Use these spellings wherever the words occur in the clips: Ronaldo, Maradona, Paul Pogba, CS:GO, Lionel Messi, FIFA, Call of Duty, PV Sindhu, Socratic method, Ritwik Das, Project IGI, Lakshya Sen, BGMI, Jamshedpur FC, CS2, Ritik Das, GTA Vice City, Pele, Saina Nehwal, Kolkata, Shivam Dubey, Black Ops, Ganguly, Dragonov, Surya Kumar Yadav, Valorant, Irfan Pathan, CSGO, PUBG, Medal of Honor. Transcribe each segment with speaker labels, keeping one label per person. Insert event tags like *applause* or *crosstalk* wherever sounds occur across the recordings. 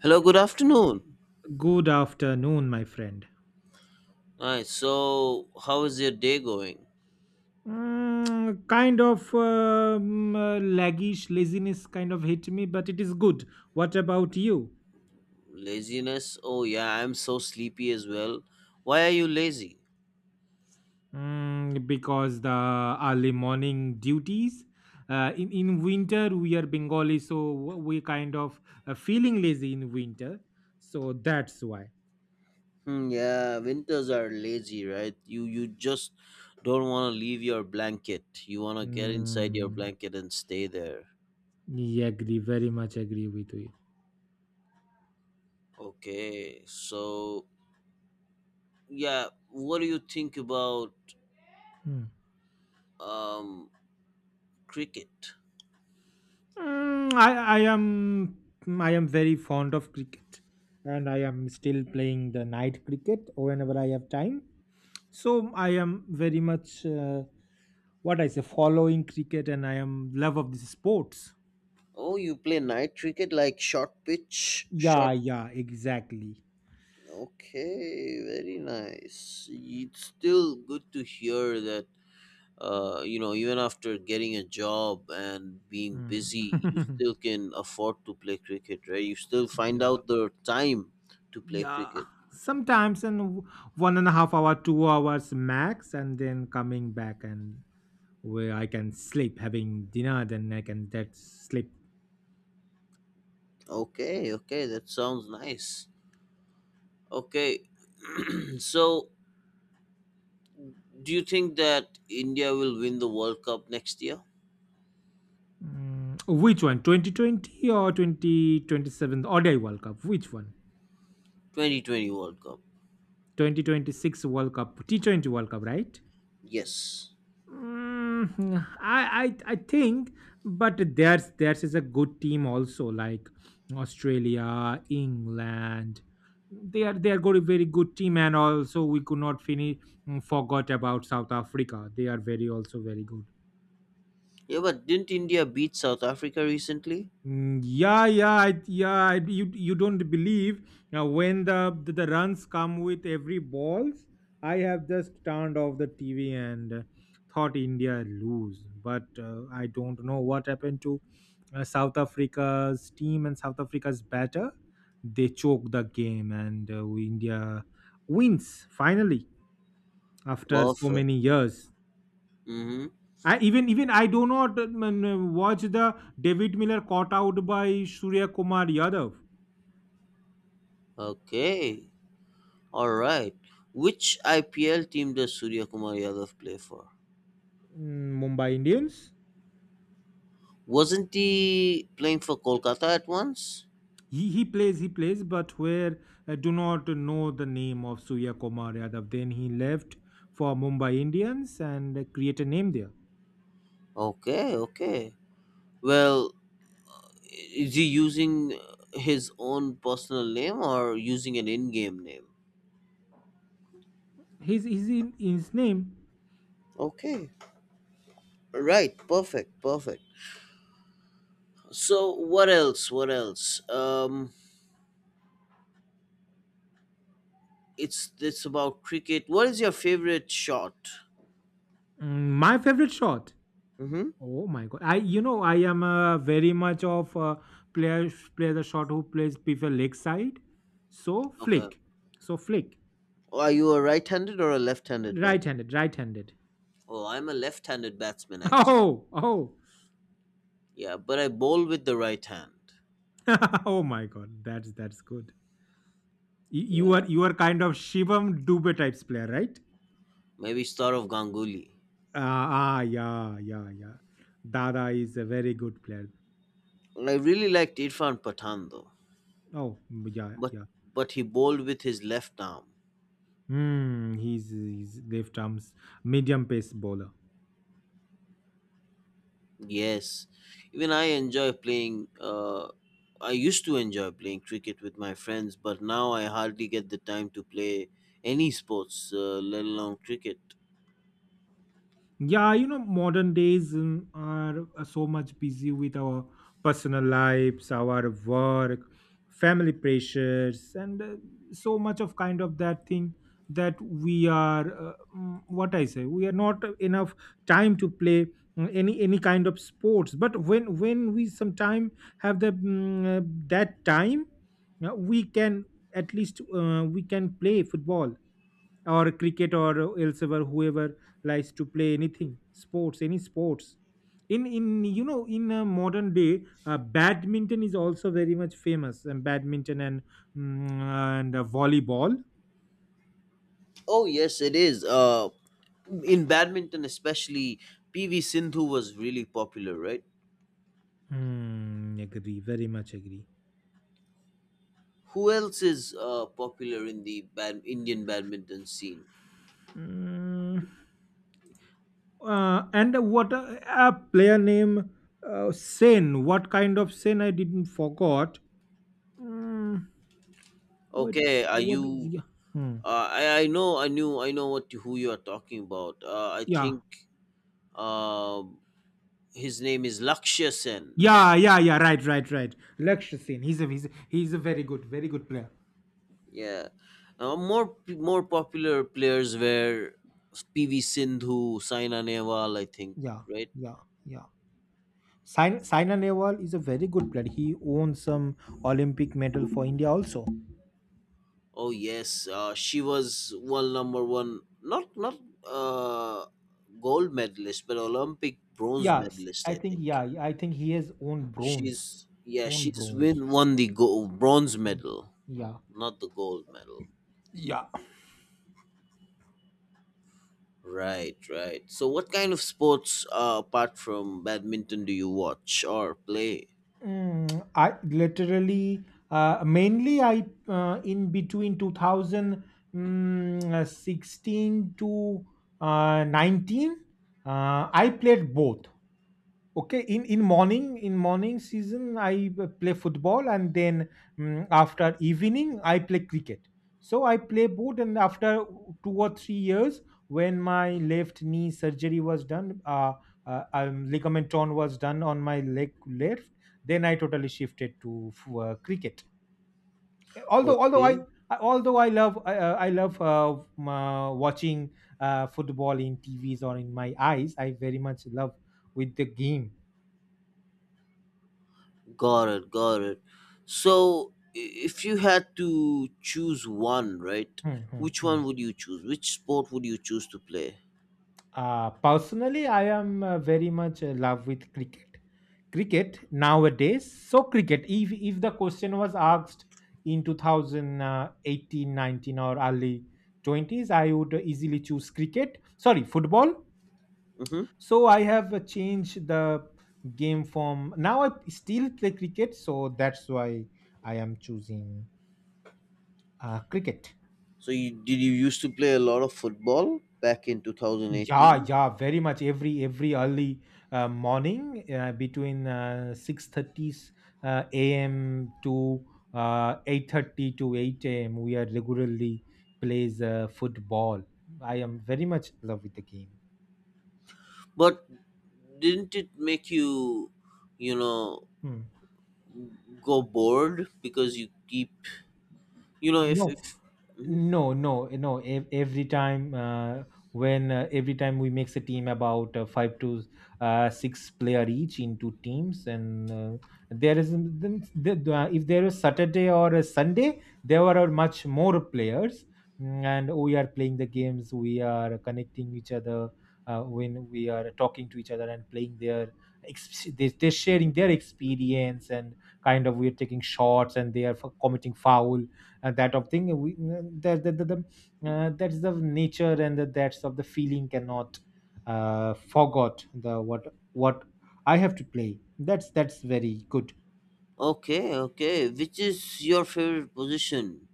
Speaker 1: Hello, good afternoon.
Speaker 2: Good afternoon, my friend.
Speaker 1: Alright, so how is your day going?
Speaker 2: Kind of laggish laziness kind of hit me, but it is good. What about you?
Speaker 1: Laziness? Oh, yeah, I'm so sleepy as well. Why are you lazy?
Speaker 2: Mm, because the early morning duties. In winter, we are Bengali, so we kind of feeling lazy in winter. So that's why.
Speaker 1: Hmm, yeah, winters are lazy, right? You just don't want to leave your blanket. You want to get inside your
Speaker 2: Mm,
Speaker 1: blanket and stay there.
Speaker 2: yeah, agree. Very much agree with you.
Speaker 1: Okay, so yeah, what do you think about
Speaker 2: Hmm.
Speaker 1: um cricket?
Speaker 2: Mm, I am very fond of cricket, and I am still playing the night cricket whenever I have time. So I am very much what I say following cricket, and I am love of these sports.
Speaker 1: Oh, you play night cricket like short pitch? Short.
Speaker 2: Yeah, yeah, exactly.
Speaker 1: Okay, very nice. It's still good to hear that you know, even after getting a job and being
Speaker 2: Mm.
Speaker 1: busy, you
Speaker 2: *laughs*
Speaker 1: still can afford to play cricket, right? You still find
Speaker 2: yeah,
Speaker 1: out the time to play
Speaker 2: yeah.
Speaker 1: cricket.
Speaker 2: Sometimes 1.5 hours, 2 hours max, and then coming back and where I can sleep, having dinner, then I can that sleep.
Speaker 1: Okay, okay, that sounds nice. Okay, *clears throat* so do you think that India will win the World Cup next year?
Speaker 2: Mm, which one? 2020 or 2027 ODI World Cup? Which one?
Speaker 1: 2020 World Cup.
Speaker 2: 2026 World Cup, T20 World Cup, right?
Speaker 1: Yes.
Speaker 2: I I think, but theirs is a good team also, like Australia, England. They are good, very good team, and also we could not finish mm, forgot about South Africa. They are very also very good.
Speaker 1: Yeah, but didn't India beat South Africa recently?
Speaker 2: Mm, yeah, you don't believe now when the runs come with every balls. I have just turned off the TV, and thought India lose, but I don't know what happened to South Africa's team and South Africa's batter. They choke the game, and India wins finally after so
Speaker 1: Perfect.
Speaker 2: many years.
Speaker 1: Mm hmm.
Speaker 2: I, even even I do not watch the David Miller caught out by Surya Kumar Yadav.
Speaker 1: Okay, all right. Which IPL team does Surya Kumar Yadav play for?
Speaker 2: Mumbai Indians.
Speaker 1: Wasn't he playing for Kolkata at once?
Speaker 2: He plays, but where I do not know the name of Surya Kumar Yadav. Then he left for Mumbai Indians and create a name there.
Speaker 1: Okay, okay. Well, is he using his own personal name or using an in-game name?
Speaker 2: His his his name.
Speaker 1: Okay, right. Perfect, perfect. So, what else? What else? It's about cricket. What is your favorite shot?
Speaker 2: My favorite shot.
Speaker 1: Mm-hmm.
Speaker 2: Oh my god! I I am very much of player player the shot who plays prefer leg side. So
Speaker 1: Okay.
Speaker 2: flick, so flick.
Speaker 1: Are you a right-handed or a left-handed batsman?
Speaker 2: Right-handed, right-handed.
Speaker 1: Oh, I'm a left-handed batsman actually.
Speaker 2: Oh, oh,
Speaker 1: Yeah, but I bowl with the right hand.
Speaker 2: *laughs* oh my God, that's good. Y- You
Speaker 1: Yeah,
Speaker 2: are you are kind of Shivam Dubey types player, right?
Speaker 1: maybe start of Ganguly.
Speaker 2: Ah, ah, yeah, yeah, yeah. Dada is a very good player.
Speaker 1: I really liked Irfan Pathan though,
Speaker 2: Oh, yeah,
Speaker 1: but
Speaker 2: yeah.
Speaker 1: he bowled with his left arm.
Speaker 2: Hmm, he's left arms medium pace bowler.
Speaker 1: Yes, even I enjoy playing. I used to enjoy playing cricket with my friends, but now I hardly get the time to play any sports, let alone cricket.
Speaker 2: Yeah, you know, modern days are so much busy with our personal lives, our work, family pressures, and so much of kind of that thing that we are, what I say, we are not enough time to play mm, any kind of sports. But when we sometime have the that time, we can at least we can play football or cricket or elsewhere whoever likes to play anything sports any sports in you know in a modern day, badminton is also very much famous, and badminton and volleyball.
Speaker 1: Oh yes, it is. In badminton especially, PV Sindhu was really popular, right?
Speaker 2: Hmm, agree, very much agree.
Speaker 1: Who else is popular in the bad Indian badminton scene?
Speaker 2: Mm, and what a player name Sen. What kind of Sen? I didn't forgot. Mm, what is
Speaker 1: Okay, are
Speaker 2: what is
Speaker 1: you?
Speaker 2: yeah? Hmm.
Speaker 1: I know I know what who you are talking about. I
Speaker 2: Yeah,
Speaker 1: think um his name is Lakshya Sen.
Speaker 2: yeah, yeah, yeah. Right, right, right. Lakshya Sen. He's a very good, very good player.
Speaker 1: Yeah, more popular players were PV Sindhu, Saina Nehwal, I think,
Speaker 2: Yeah,
Speaker 1: right.
Speaker 2: yeah, yeah. Saina Nehwal is a very good player. He won some Olympic medal for India also.
Speaker 1: Oh yes, she was world number one. Not gold medalist, but Olympic bronze medalist,
Speaker 2: I
Speaker 1: I
Speaker 2: think
Speaker 1: think.
Speaker 2: yeah, yeah, I think he has won bronze.
Speaker 1: She's, yeah,
Speaker 2: Won
Speaker 1: she's
Speaker 2: bronze.
Speaker 1: win won the gold bronze medal,
Speaker 2: Yeah,
Speaker 1: not the gold medal.
Speaker 2: yeah.
Speaker 1: Right, right. So what kind of sports apart from badminton do you watch or play?
Speaker 2: Mm, I literally, mainly I in between 2000 16 to 19, I played both. Okay, in morning season I play football, and then after evening I play cricket. So I play both, and after 2 or 3 years when my left knee surgery was done, ligament torn was done on my leg left. Then I totally shifted to cricket. Although although I
Speaker 1: Okay.
Speaker 2: although I love I love watching football in TVs or in my eyes, I very much love with the game.
Speaker 1: Got it, got it. If you had to choose one, right?
Speaker 2: Hmm, hmm,
Speaker 1: Which
Speaker 2: hmm.
Speaker 1: one would you choose? Which sport would you choose to play?
Speaker 2: Personally, I am very much in love with cricket. Cricket nowadays, so cricket. If the question was asked in 2018, 19, or early 20s, I would easily choose cricket. Sorry, football.
Speaker 1: Mm-hmm.
Speaker 2: So I have changed the game from now. I still play cricket, so that's why I am choosing cricket.
Speaker 1: You used to play a lot of football back in
Speaker 2: Yeah,
Speaker 1: 2018?
Speaker 2: yeah, very much. Every early morning between 6:30 a.m. to 8:30 to eight a.m. We are regularly plays football. I am very much in love with the game.
Speaker 1: But didn't it make you, you know,
Speaker 2: Hmm.
Speaker 1: go bored because you keep, you know, if
Speaker 2: No,
Speaker 1: if. Mhm.
Speaker 2: no no no ev- every time when every time we makes a team about five to six player each into teams, and there is then if there is saturday or a sunday there were much more players mm, and we are playing the games, we are connecting each other when we are talking to each other and playing their they're sharing their experience, and kind of we're taking shots and they are committing foul, that of thing we that's the nature, and the, that's of the feeling cannot forgot the what I have to play, that's very good.
Speaker 1: Okay, okay. Which is your favorite position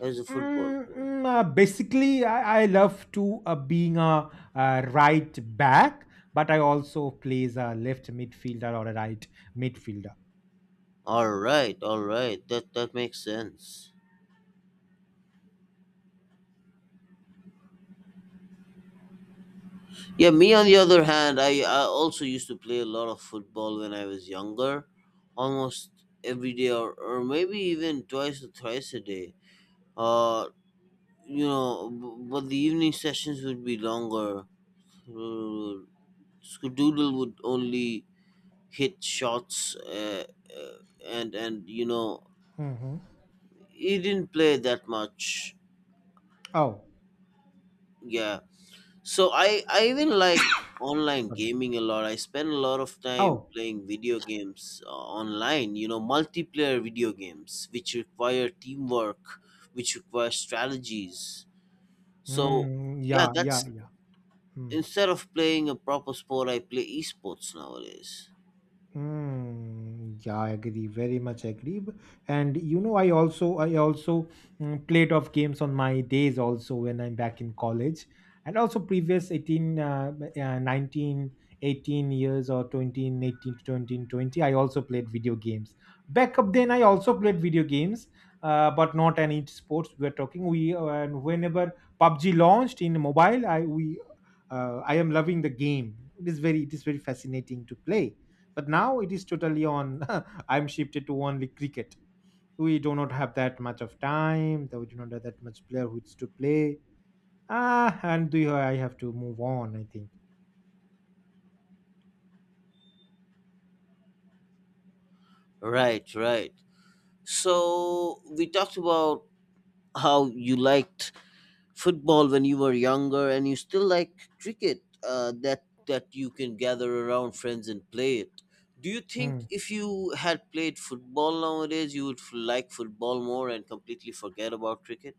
Speaker 1: as a football player?
Speaker 2: Basically I love to being a, right back, but I also plays a left midfielder or a right midfielder.
Speaker 1: All right, all right. That makes sense. Yeah, me on the other hand, I also used to play a lot of football when I was younger, almost every day, or maybe even twice or thrice a day. Uh, you know, but the evening sessions would be longer. Uh, Skedoodle would only hit shots, uh, and you know,
Speaker 2: Hmm
Speaker 1: he didn't play that much.
Speaker 2: oh
Speaker 1: Yeah, so I even like online
Speaker 2: sorry
Speaker 1: gaming a lot. I spend a lot of time
Speaker 2: oh
Speaker 1: playing video games online. You know, multiplayer video games which require teamwork, which require strategies. So yeah,
Speaker 2: yeah yeah
Speaker 1: that's,
Speaker 2: yeah. Hmm.
Speaker 1: instead of playing a proper sport, I play esports nowadays.
Speaker 2: Mm, yeah, I agree. Very much agree. And you know, I also played of games on my days also when I'm back in college, and also previous 18, 19, 18 years or 2018 to 2020. I also played video games. Back up then, I also played video games, but not any sports. We're talking we and whenever PUBG launched in mobile, I am loving the game. It is very, it is very fascinating to play, but now it is totally on *laughs* I'm shifted to only cricket. We do not have that much of time, though we do not have that much player who is to play. Ah and do you, I have to move on I think.
Speaker 1: Right, right. So we talked about how you liked football when you were younger, and you still like cricket. That you can gather around friends and play it. Do you think
Speaker 2: Hmm.
Speaker 1: if you had played football nowadays, you would like football more and completely forget about cricket?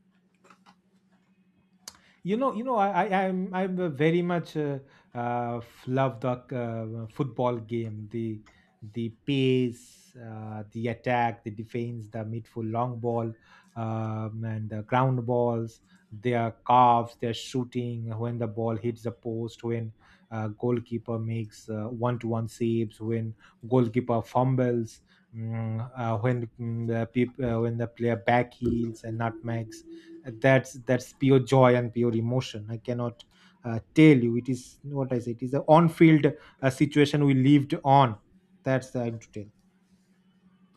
Speaker 2: You know, I'm a very much love the football game. The pace, the attack, the defense, the midfield long ball, and the ground balls, their calves, their shooting when the ball hits the post, when goalkeeper makes 1 to 1 saves, when goalkeeper fumbles, when the player back heels and nutmegs, that's pure joy and pure emotion. I cannot tell you it is what I say, it is a on-field situation we lived on, that's the I'm to tell.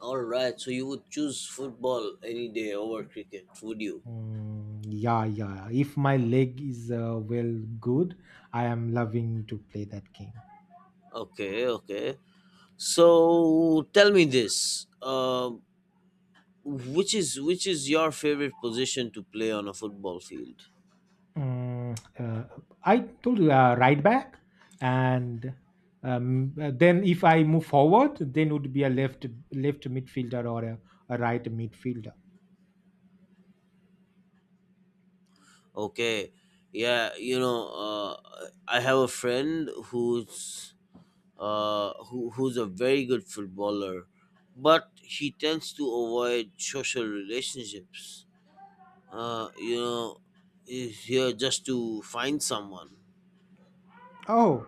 Speaker 1: All right, so you would choose football any day over cricket, would you?
Speaker 2: Mm, yeah yeah, if my leg is well good, I am loving to play that game.
Speaker 1: Okay, okay. So tell me this. Which is your favorite position to play on a football field?
Speaker 2: Mm, uh, I told you, right back, and then if I move forward, then would be a left midfielder or a right midfielder.
Speaker 1: Okay, yeah, you know, uh, I have a friend who's a very good footballer, but he tends to avoid social relationships. You know, he's here just to find someone.
Speaker 2: Oh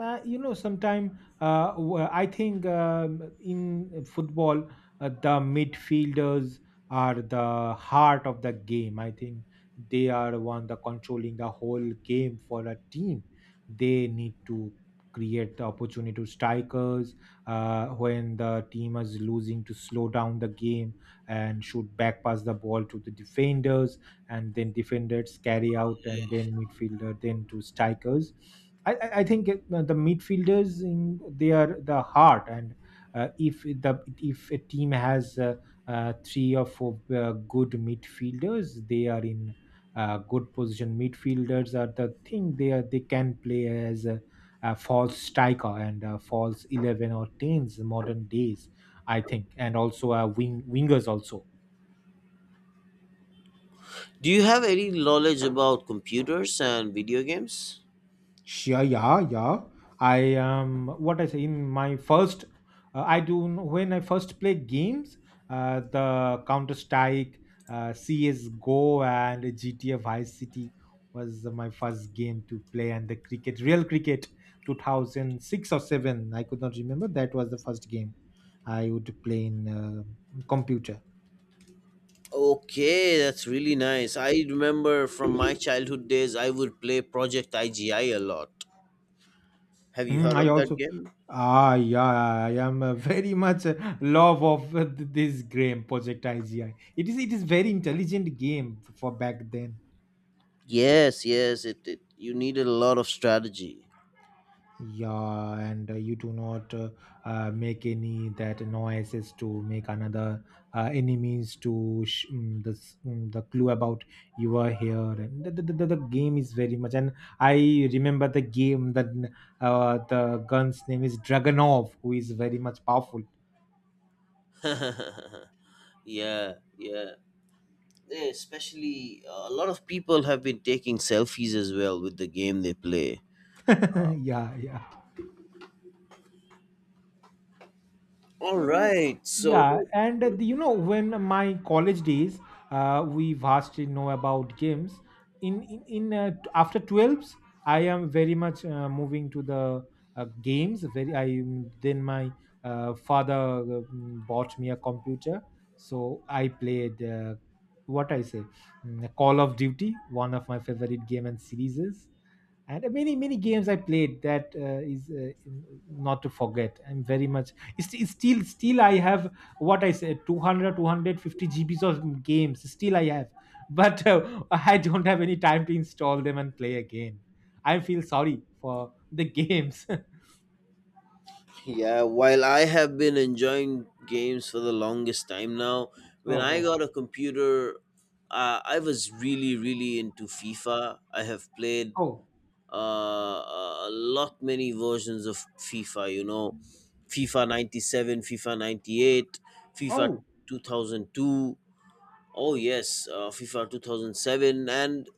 Speaker 2: You know, sometime I think in football, the midfielders are the heart of the game. I think they are one the controlling the whole game for a team. They need to create the opportunity to strikers, when the team is losing to slow down the game and shoot back, pass the ball to the defenders, and then defenders carry out, and then midfielder then to strikers. I think the midfielders in they are the heart, and if a team has three or four good midfielders, they are in good position. Midfielders are the thing, they are they can play as a false striker and a false 11 or 10s modern days I think, and also wingers also.
Speaker 1: Do you have any knowledge about computers and video games?
Speaker 2: Sure, yeah, yeah. I What I say in my first, when I first play games, the Counter Strike, CS:GO, and GTA Vice City was my first game to play, and the cricket, real cricket, 2006 or seven. I could not remember. That was the first game I would play in computer.
Speaker 1: Okay, that's really nice. I remember from my childhood days, I would play Project IGI a lot. Have you heard
Speaker 2: I
Speaker 1: of that
Speaker 2: also,
Speaker 1: game?
Speaker 2: ah, yeah, I am very much love of this game Project IGI. It is very intelligent game for back then.
Speaker 1: Yes, yes. It You needed a lot of strategy.
Speaker 2: Yeah, and you do not make any that noises to make another enemies to the clue about you are here. And the game is very much. And I remember the game that the gun's name is Dragonov, who is very much powerful.
Speaker 1: *laughs* Yeah, yeah. Yeah, especially a lot of people have been taking selfies as well with the game they play.
Speaker 2: *laughs* yeah, yeah.
Speaker 1: All
Speaker 2: Mm,
Speaker 1: right, so
Speaker 2: Yeah, and when my college days, we vastly know about games. After twelves, I am very much moving to the games. Then my father bought me a computer, so I played. What I say, Call of Duty, one of my favorite game and series, and many games I played. That is not to forget, I'm very much — it's still I have, what I said, 200, 250 gbs of games still I have, *laughs* but I don't have any time to install them and play again. I feel sorry for the games. *laughs*
Speaker 1: yeah, while I have been enjoying games for the longest time now, when I
Speaker 2: Oh,
Speaker 1: got a computer, I was really, really into FIFA. I have played
Speaker 2: oh, oh,
Speaker 1: a lot many versions of FIFA, you know, FIFA 97, FIFA 98, FIFA
Speaker 2: oh,
Speaker 1: 2002. Oh yes, FIFA 2007, and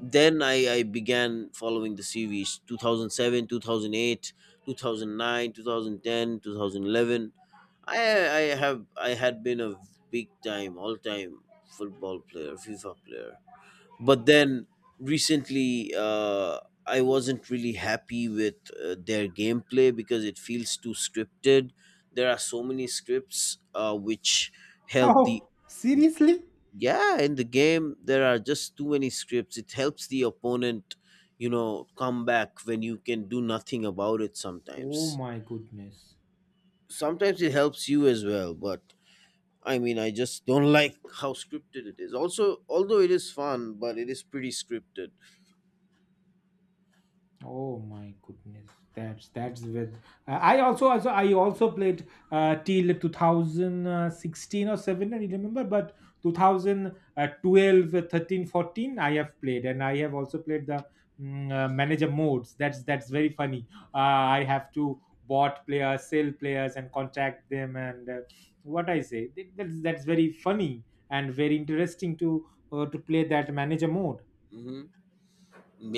Speaker 1: then I began following the series 2007, 2008, 2009, ten, two thousand eleven. I had been a big time, all time football player, FIFA player. But then recently, I wasn't really happy with their gameplay because it feels too scripted. There are so many scripts which help the,
Speaker 2: oh, seriously?
Speaker 1: yeah, in the game, there are just too many scripts. It helps the opponent, you know, come back when you can do nothing about it
Speaker 2: Oh
Speaker 1: sometimes.
Speaker 2: my goodness.
Speaker 1: Sometimes it helps you as well, but I mean, I just don't *laughs* like how scripted it is. Also, although it is fun, but it is pretty scripted.
Speaker 2: Oh my goodness, that's with. I also played till 2016 or 7. I don't remember, but 2012, thirteen, fourteen, I have played. And I have also played the manager modes. That's very funny. I have to bot players, sell players, and contact them, and what I say. That's very funny and very interesting to, to play that manager mode.
Speaker 1: Hmm,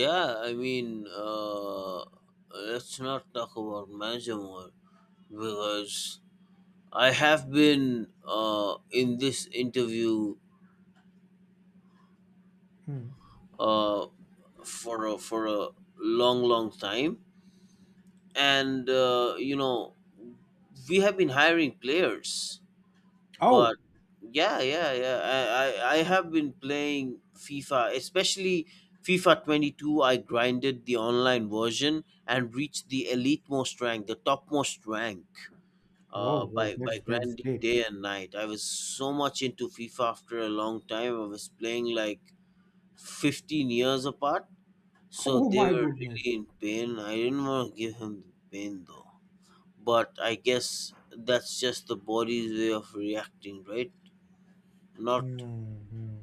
Speaker 1: yeah, I mean, let's not talk about Majamor, because I have been in this interview
Speaker 2: Hmm.
Speaker 1: uh, for a long, long time, and you know, we have been hiring players,
Speaker 2: Oh,
Speaker 1: but yeah, I have been playing FIFA, especially FIFA 22. I grinded the online version and reached the elite most rank, the topmost rank, uh,
Speaker 2: whoa, whoa,
Speaker 1: by by
Speaker 2: that's that's
Speaker 1: grinding
Speaker 2: great.
Speaker 1: day and night. I was so much into FIFA after a long time. I was playing like 15 years apart, so
Speaker 2: Oh
Speaker 1: they
Speaker 2: my
Speaker 1: were really
Speaker 2: goodness.
Speaker 1: in pain. I didn't want to give him the pain though. But I guess that's just the body's way of reacting, right? Not.
Speaker 2: Hmm, hmm.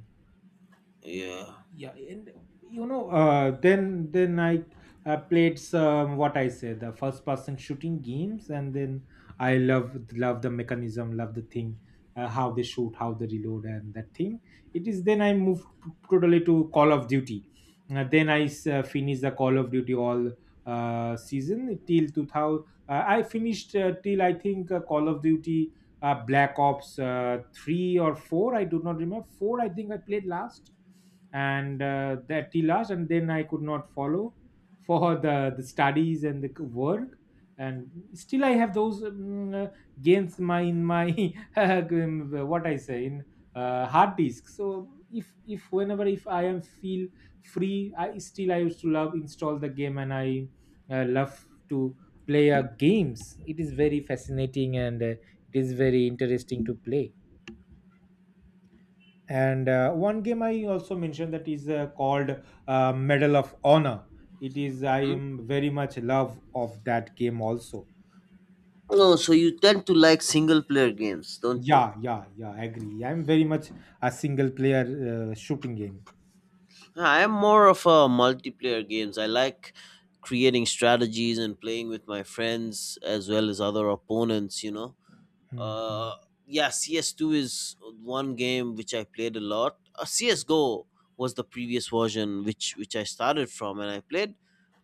Speaker 1: Yeah.
Speaker 2: Yeah, and then I played some, what I said, the first person shooting games, and then I love the mechanism, love the thing, how they shoot, how they reload, and that thing. It is then I moved totally to Call of Duty. Then I finished the Call of Duty all, season till 2000. I finished, till I think, Call of Duty, Black Ops, 3 or 4. I do not remember. 4, I think I played last. And that till last. And then I could not follow *laughs* for the studies and the work. And still, I have those games, *laughs* what I say, in hard disk. So if whenever, if I am feel free, I still I used to love install the game, and I love to play games. It is very fascinating and it is very interesting to play. And one game I also mentioned, that is called Medal of Honor. It is — I
Speaker 1: Hmm?
Speaker 2: am very much love of that game also.
Speaker 1: Oh, so you tend to like single player games, don't you?
Speaker 2: Yeah, yeah, yeah, I agree, I'm very much a single player shooting game.
Speaker 1: I'm more of a multiplayer games. I like creating strategies and playing with my friends as well as other opponents, you know? uh
Speaker 2: Hmm.
Speaker 1: yeah, CS2 is one game which I played a lot. CSGO was the previous version, which I started from, and I played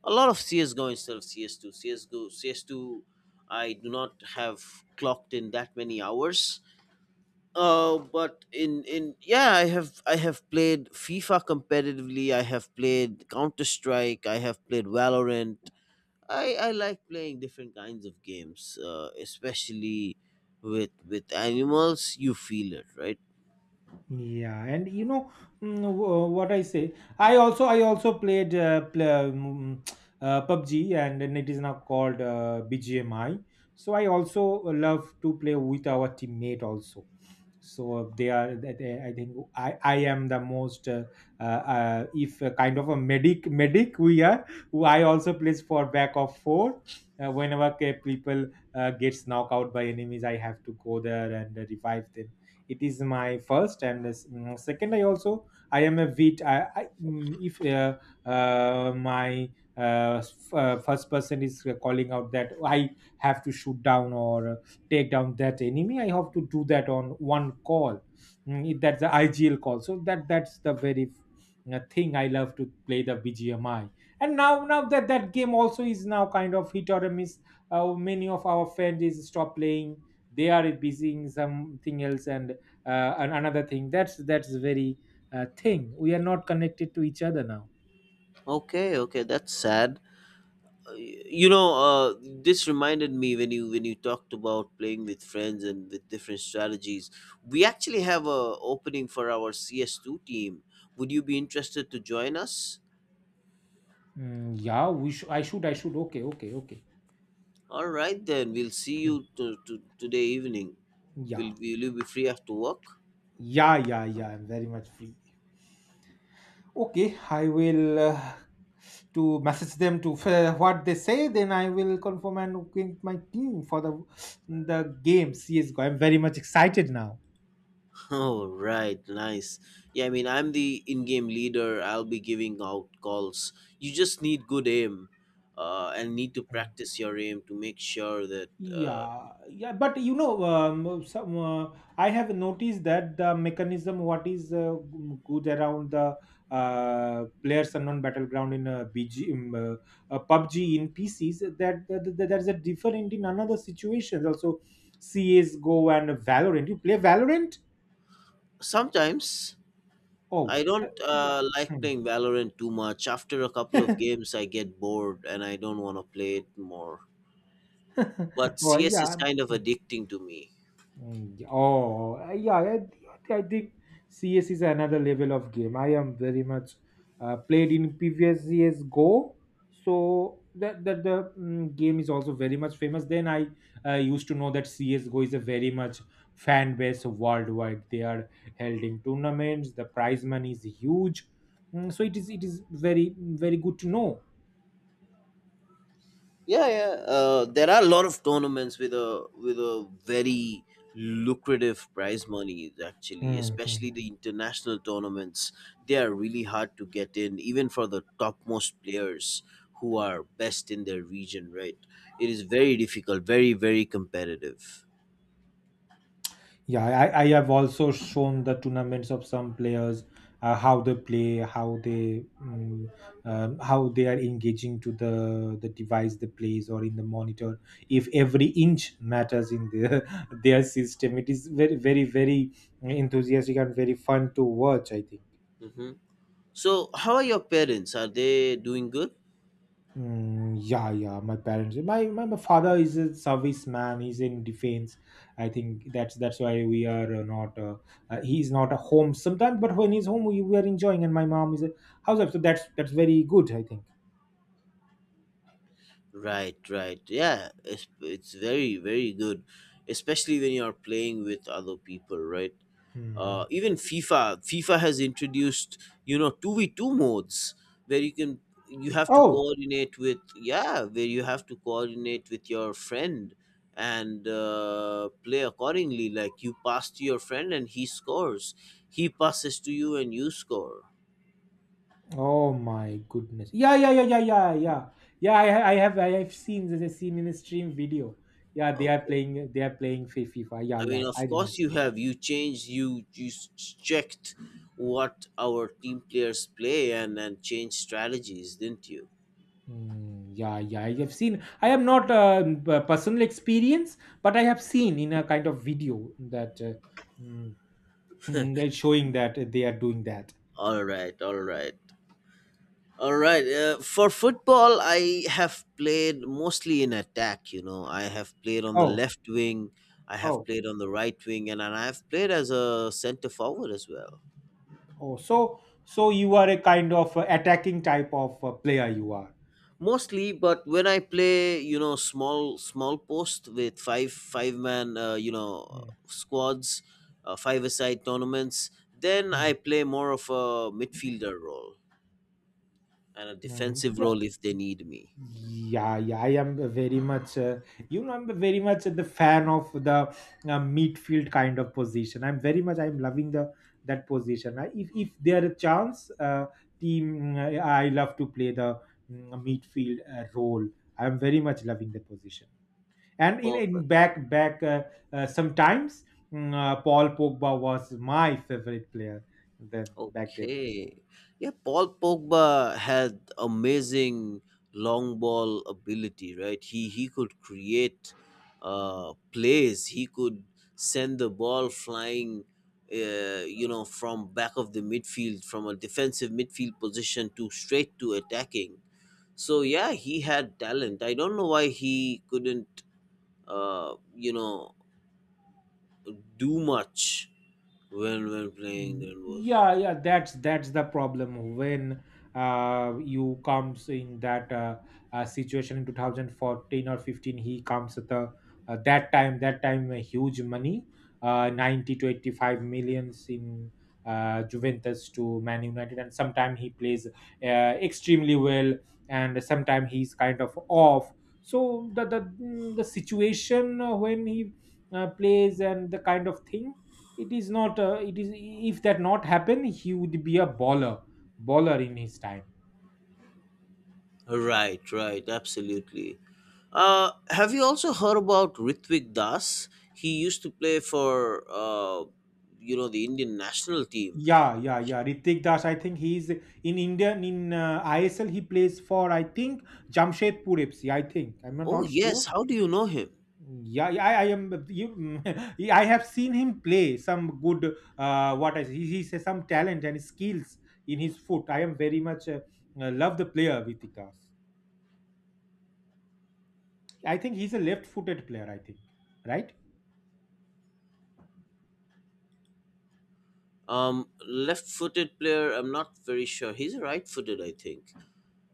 Speaker 1: a lot of CSGO. instead of cs2 csgo CS2, I do not have clocked in that many hours. Uh but in in yeah, I have played FIFA competitively, I have played Counter Strike, I have played Valorant. I like playing different kinds of games, especially with animals. You feel it, right?
Speaker 2: Yeah, and what I say, I also played, PUBG, and then it is now called BGMI. So I also love to play with our teammate also. So they are that I think I am the most if a kind of a medic we are, who I also plays for back of four. Whenever people gets knocked out by enemies, I have to go there and revive them. It is my first, and second, I also — I am a wheat. If my first person is calling out that I have to shoot down, or take down that enemy, I have to do that on one call. That's the IGL call, so that's the very thing I love to play, the BGMI. And now that game also is now kind of hit or a miss. Many of our friends is stop playing, they are busy in something else. And another thing, that's the very thing, we are not connected to each other now.
Speaker 1: Okay, okay, that's sad. You know, this reminded me when you, when you talked about playing with friends and with different strategies. We actually have a opening for our CS two team. Would you be interested to join us?
Speaker 2: Mm, yeah, we should, I should, okay, okay, okay.
Speaker 1: All right, then we'll see
Speaker 2: Mm.
Speaker 1: you today evening.
Speaker 2: Yeah,
Speaker 1: Will you be free after work?
Speaker 2: yeah, yeah, yeah, I'm very much free. Okay, I will, to message them what they say, then I will confirm and with my team for the game, CSGO. I'm very much excited now.
Speaker 1: Oh, right. Nice. Yeah, I mean, I'm the in game leader. I'll be giving out calls. You just need good aim and need to
Speaker 2: Hmm.
Speaker 1: practice your aim to make sure that
Speaker 2: Yeah, yeah, but you know, some I have noticed that the mechanism, what is good around the players unknown battleground in BG in, PUBG in PCs, that, that there's a different in another situations also. CS:GO and Valorant. You play Valorant?
Speaker 1: sometimes. I
Speaker 2: Oh,
Speaker 1: don't
Speaker 2: yeah.
Speaker 1: like
Speaker 2: Hmm.
Speaker 1: playing Valorant too much. After a couple of games, I get bored and I don't want to play it more. But
Speaker 2: *laughs* Well,
Speaker 1: CS is
Speaker 2: yeah.
Speaker 1: kind of addicting to me.
Speaker 2: Oh, yeah, I think CS is another level of game. I am very much played in previous CS Go, so game is also very much famous. Then I, used to know that CS Go is a very much fan base worldwide. They are held in tournaments. The prize money is huge, so it is, very very good to know.
Speaker 1: Yeah, yeah, there are a lot of tournaments with a very lucrative prize money actually, especially
Speaker 2: Mm-hmm.
Speaker 1: the international tournaments. They are really hard to get in, even for the topmost players who are best in their region, right? It is very difficult, very, very competitive.
Speaker 2: Yeah, I have also shown the tournaments of some players, how they play, how they are engaging to the device they plays, or in the monitor. If every inch matters in their *laughs* their system, it is very very very enthusiastic and very fun to watch, I think.
Speaker 1: Hmm, so how are your parents, are they doing good?
Speaker 2: Mm, yeah, yeah. My parents, my father is a serviceman. He's in defense. I think that's why we are not — he's not a home sometimes, but when he's home, we are enjoying. And my mom is a housewife, so that's very good, I think.
Speaker 1: Right, right, yeah, it's very, very good, especially when you are playing with other people, right?
Speaker 2: Hmm.
Speaker 1: Even FIFA. FIFA has introduced, you know, 2v2 modes, where you can, you have to
Speaker 2: Oh,
Speaker 1: coordinate with, yeah, where you have to coordinate with your friend and play accordingly. Like, you pass to your friend and he scores, he passes to you and you score.
Speaker 2: oh my goodness. Yeah, yeah, yeah, yeah, yeah, yeah. Yeah, I have seen this. I seen in a stream video. Yeah, they are
Speaker 1: Okay.
Speaker 2: playing. They are playing FIFA. Yeah,
Speaker 1: I
Speaker 2: yeah,
Speaker 1: mean,
Speaker 2: I
Speaker 1: of course
Speaker 2: remember.
Speaker 1: you have. You changed. You checked what our team players play and change strategies, didn't you?
Speaker 2: Mm, yeah, yeah, I have seen. I have not personal experience, but I have seen in a kind of video that mm, they're showing that they are doing that.
Speaker 1: All right. All right. All right. For football, I have played mostly in attack. You know, I have played on the
Speaker 2: Oh,
Speaker 1: left wing, I have
Speaker 2: oh,
Speaker 1: played on the right wing, and I have played as a center forward as well.
Speaker 2: oh. So you are a kind of attacking type of player, you are.
Speaker 1: Mostly, but when I play, you know, small post with five man, you know,
Speaker 2: Mm,
Speaker 1: squads, five aside tournaments, then
Speaker 2: mm,
Speaker 1: I play more of a midfielder role and a defensive
Speaker 2: mm.
Speaker 1: role if they need me.
Speaker 2: Yeah, yeah, I am very much, I'm very much the fan of the midfield kind of position. I'm very much — I'm loving the that position. If there a chance, I love to play the midfield role. I'm very much loving that position. And in
Speaker 1: Perfect.
Speaker 2: back, sometimes Paul Pogba was my favorite player then, back then.
Speaker 1: Okay. Yeah, Paul Pogba had amazing long ball ability, right? He could create plays. He could send the ball flying you know, from back of the midfield, from a defensive midfield position to straight to attacking. So yeah, he had talent. I don't know why he couldn't you know do much when playing
Speaker 2: Mm,
Speaker 1: Grand Wolf.
Speaker 2: yeah, yeah, that's the problem, when you comes in that situation. In 2014 or 15, he comes at the that time, a huge money, 90 to 85 millions, in Juventus to Man United. And sometime he plays extremely well, and sometime he's kind of off. So the situation, when he plays, and the kind of thing, it is not it is — if that not happen, he would be a bowler in his time.
Speaker 1: Right, right, absolutely. Have you also heard about Ritwik Das? He used to play for, you know, the Indian national team.
Speaker 2: Yeah, yeah, yeah, Ritik Das, I think he's in Indian in, ISL. He plays for, I think, Jamshedpur FC, I think, I'm not,
Speaker 1: Oh
Speaker 2: not sure.
Speaker 1: yes, how do you know him?
Speaker 2: Yeah, yeah, I am. You, *laughs* I have seen him play some good. What is he? He has some talent and skills in his foot. I am very much love the player Ritik Das. I think he's a left-footed player, I think, right?
Speaker 1: Left-footed player. I'm not very sure. He's right-footed, I think,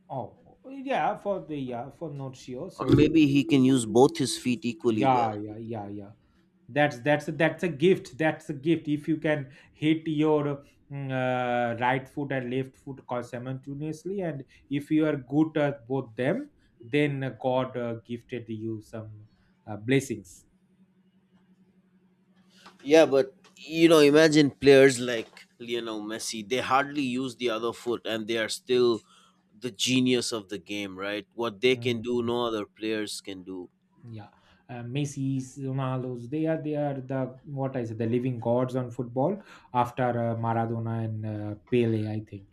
Speaker 2: Oh, yeah, for the, yeah, for not sure.
Speaker 1: or
Speaker 2: So
Speaker 1: maybe he can use both his feet equally well.
Speaker 2: yeah, yeah, yeah, yeah. That's a gift. That's a gift, if you can hit your mm, right foot and left foot simultaneously, and if you are good at both them, then God gifted you some blessings.
Speaker 1: Yeah, but you know, imagine players like Lionel Messi, they hardly use the other foot and they are still the genius of the game, right? What they can do,
Speaker 2: Mhm.
Speaker 1: no other players can do.
Speaker 2: Yeah, Messi's, Ronaldo's, they are the, what I said, the living gods on football, after Maradona and Pele, I think.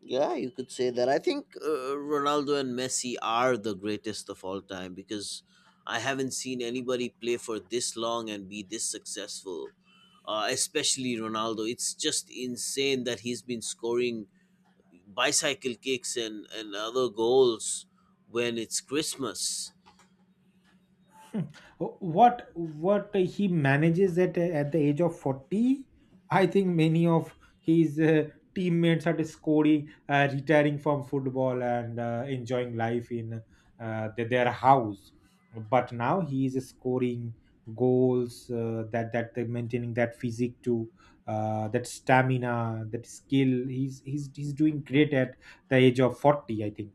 Speaker 1: Yeah, you could say that. I think Ronaldo and Messi are the greatest of all time, because I haven't seen anybody play for this long and be this successful. Especially Ronaldo. It's just insane that he's been scoring bicycle kicks and other goals when it's Christmas.
Speaker 2: What he manages at the age of 40, I think. Many of his teammates are scoring, retiring from football and enjoying life in their house. But now he is scoring goals, that they're maintaining that physique, to that stamina, that skill. He's doing great at the age of 40, I think.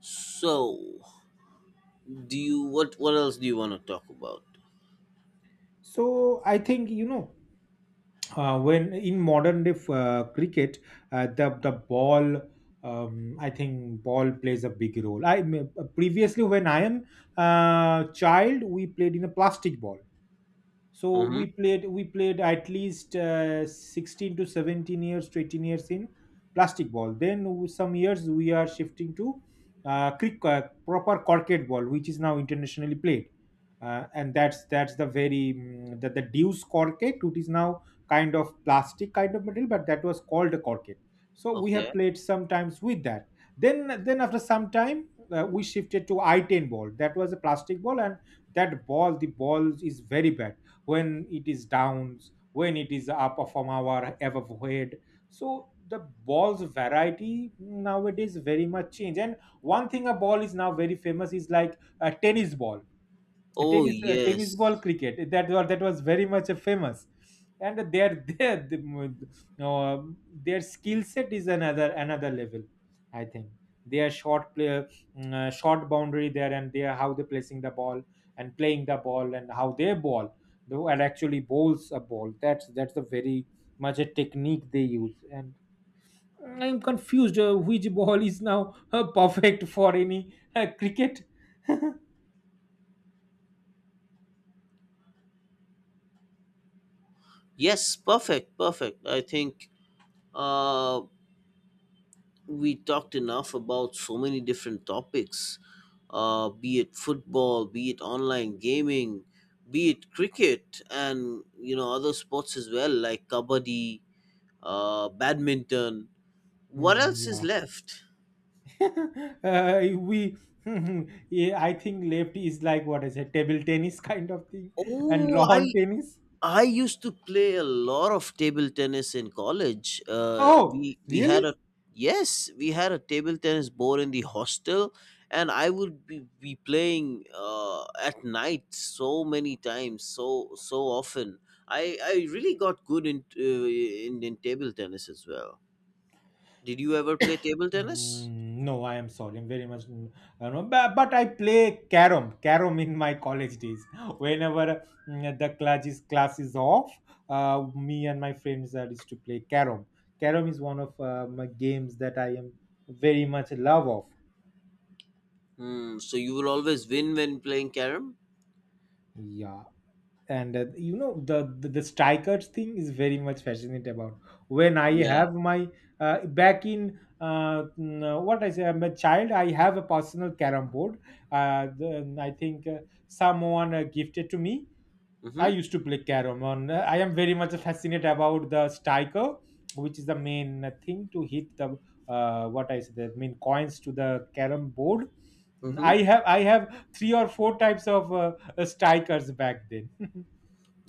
Speaker 1: So, do you, what else do you want to talk about?
Speaker 2: So I think, when in modern day cricket, the ball, I think ball plays a big role. I mean, previously when I am child, we played in a plastic ball. So we
Speaker 1: Mm-hmm.
Speaker 2: played we played at least 16 to 17 years to 18 years in plastic ball. Then some years we are shifting to proper corket ball, which is now internationally played, and that's the very the deuce corket, which is now kind of plastic, kind of material, but that was called a corket. So we have
Speaker 1: Okay.
Speaker 2: played sometimes with that. Then after some time, we shifted to i10 ball. That was a plastic ball, and that ball, the ball is very bad when it is downs, when it is up from our above head. So the ball's variety nowadays very much change, and one thing, a ball is now very famous, is like a tennis ball.
Speaker 1: Oh
Speaker 2: Tennis, tennis ball
Speaker 1: yes,
Speaker 2: cricket, that was very much a famous, and their *laughs* uh, their skill set is another level, I think. Their short play, short boundary there, and their, how they're placing the ball and playing the ball and how they ball though, and actually bowls a ball, that's a very much a technique they use. And I'm confused, which ball is now perfect for any cricket.
Speaker 1: yes, perfect, perfect. I think uh, we talked enough about so many different topics, be it football, be it online gaming, be it cricket, and you know, other sports as well, like kabaddi, badminton. What
Speaker 2: Hmm,
Speaker 1: else is
Speaker 2: yeah.
Speaker 1: left?
Speaker 2: *laughs* We *laughs* yeah, I think left is like, what is it, table tennis *laughs* kind of thing, and
Speaker 1: Oh, i
Speaker 2: lawn tennis.
Speaker 1: i used to play a lot of table tennis in college.
Speaker 2: Oh,
Speaker 1: We had
Speaker 2: really?
Speaker 1: a Yes, we had a table tennis board in the hostel, and I would be playing at night so many times, so so often. I really got good in in table tennis as well. Did you ever play table tennis?
Speaker 2: Mm, no, I am sorry, I'm very much mm, I don't know, but I play carom. Carom in my college days, whenever the class is off, me and my friends are used to play carom. Carom is one of my games that I am very much love of.
Speaker 1: Hmm, so you will always win when playing carom?
Speaker 2: Yeah. And you know, the strikers thing is very much fascinated about. When I
Speaker 1: Yeah.
Speaker 2: have my back in what I say, I'm a child, I have a personal carom board. I think someone gifted to me. I
Speaker 1: Mm-hmm.
Speaker 2: used to play carom on, I am very much fascinated about the striker, which is the main thing to hit the, what I say, the main coins to the carom board. Mm,
Speaker 1: Mm-hmm.
Speaker 2: I have three or four types of strikers back then. *laughs*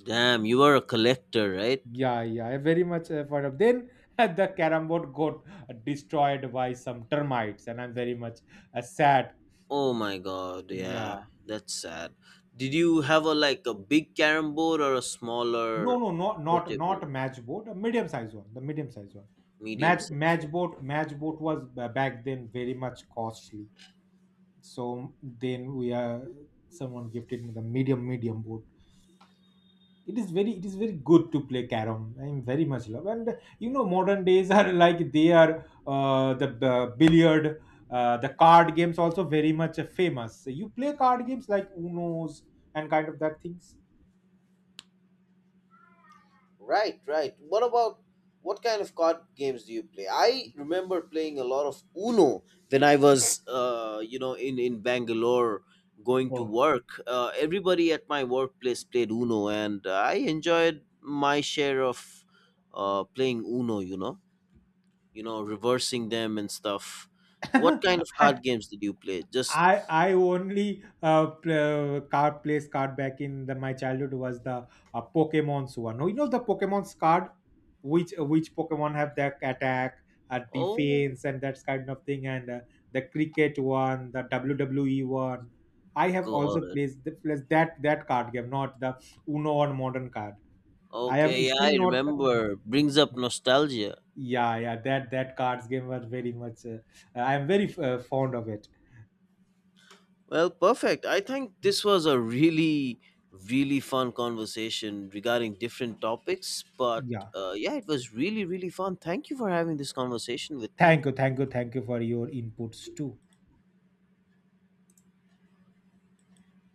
Speaker 1: Damn, you are a collector, right?
Speaker 2: Yeah, yeah, I very much effort of. Then *laughs* the carom board got destroyed by some termites, and I'm very much sad.
Speaker 1: Oh my god, yeah,
Speaker 2: Yeah,
Speaker 1: that's sad. Did you have a like a big carom board or a
Speaker 2: no,
Speaker 1: smaller
Speaker 2: no, not
Speaker 1: portable,
Speaker 2: match board, a medium size one, the medium size one.
Speaker 1: medium
Speaker 2: Match
Speaker 1: sized
Speaker 2: match
Speaker 1: carom?
Speaker 2: board, match board was back then very much costly. So then we someone gifted me the medium board. It is very good to play carom. I am very much love. And you know, modern days are *laughs* like they are the billiard, the card games also very much famous. You play card games like unos and kind of that things.
Speaker 1: Right, right. What about what kind of card games do you play? I remember playing a lot of Uno when I was, you know, in Bangalore going to
Speaker 2: Oh,
Speaker 1: work. Everybody at my workplace played Uno, and I enjoyed my share of playing Uno. You know. You know, reversing them and stuff. What
Speaker 2: *laughs*
Speaker 1: kind of
Speaker 2: I
Speaker 1: card games did you play? Just,
Speaker 2: I only card, place card back in the, my childhood was the Pokemon's one. Oh, you know the Pokemon's card, which Pokemon have their attack,
Speaker 1: oh,
Speaker 2: defense, and that kind of thing, and the cricket one, the WWE one. I have
Speaker 1: got
Speaker 2: also
Speaker 1: it.
Speaker 2: placed the, placed that card game, not the Uno or modern card. I am
Speaker 1: Okay, yeah,
Speaker 2: still
Speaker 1: I
Speaker 2: not.
Speaker 1: remember. Brings up nostalgia.
Speaker 2: Yeah, yeah, that cards game was very much. I am very fond of it.
Speaker 1: Well, perfect. I think this was a really, really fun conversation regarding different topics. But
Speaker 2: Yeah.
Speaker 1: yeah, it was really, really fun. Thank you for having this conversation with me.
Speaker 2: Thank you, thank you, thank you for your inputs too.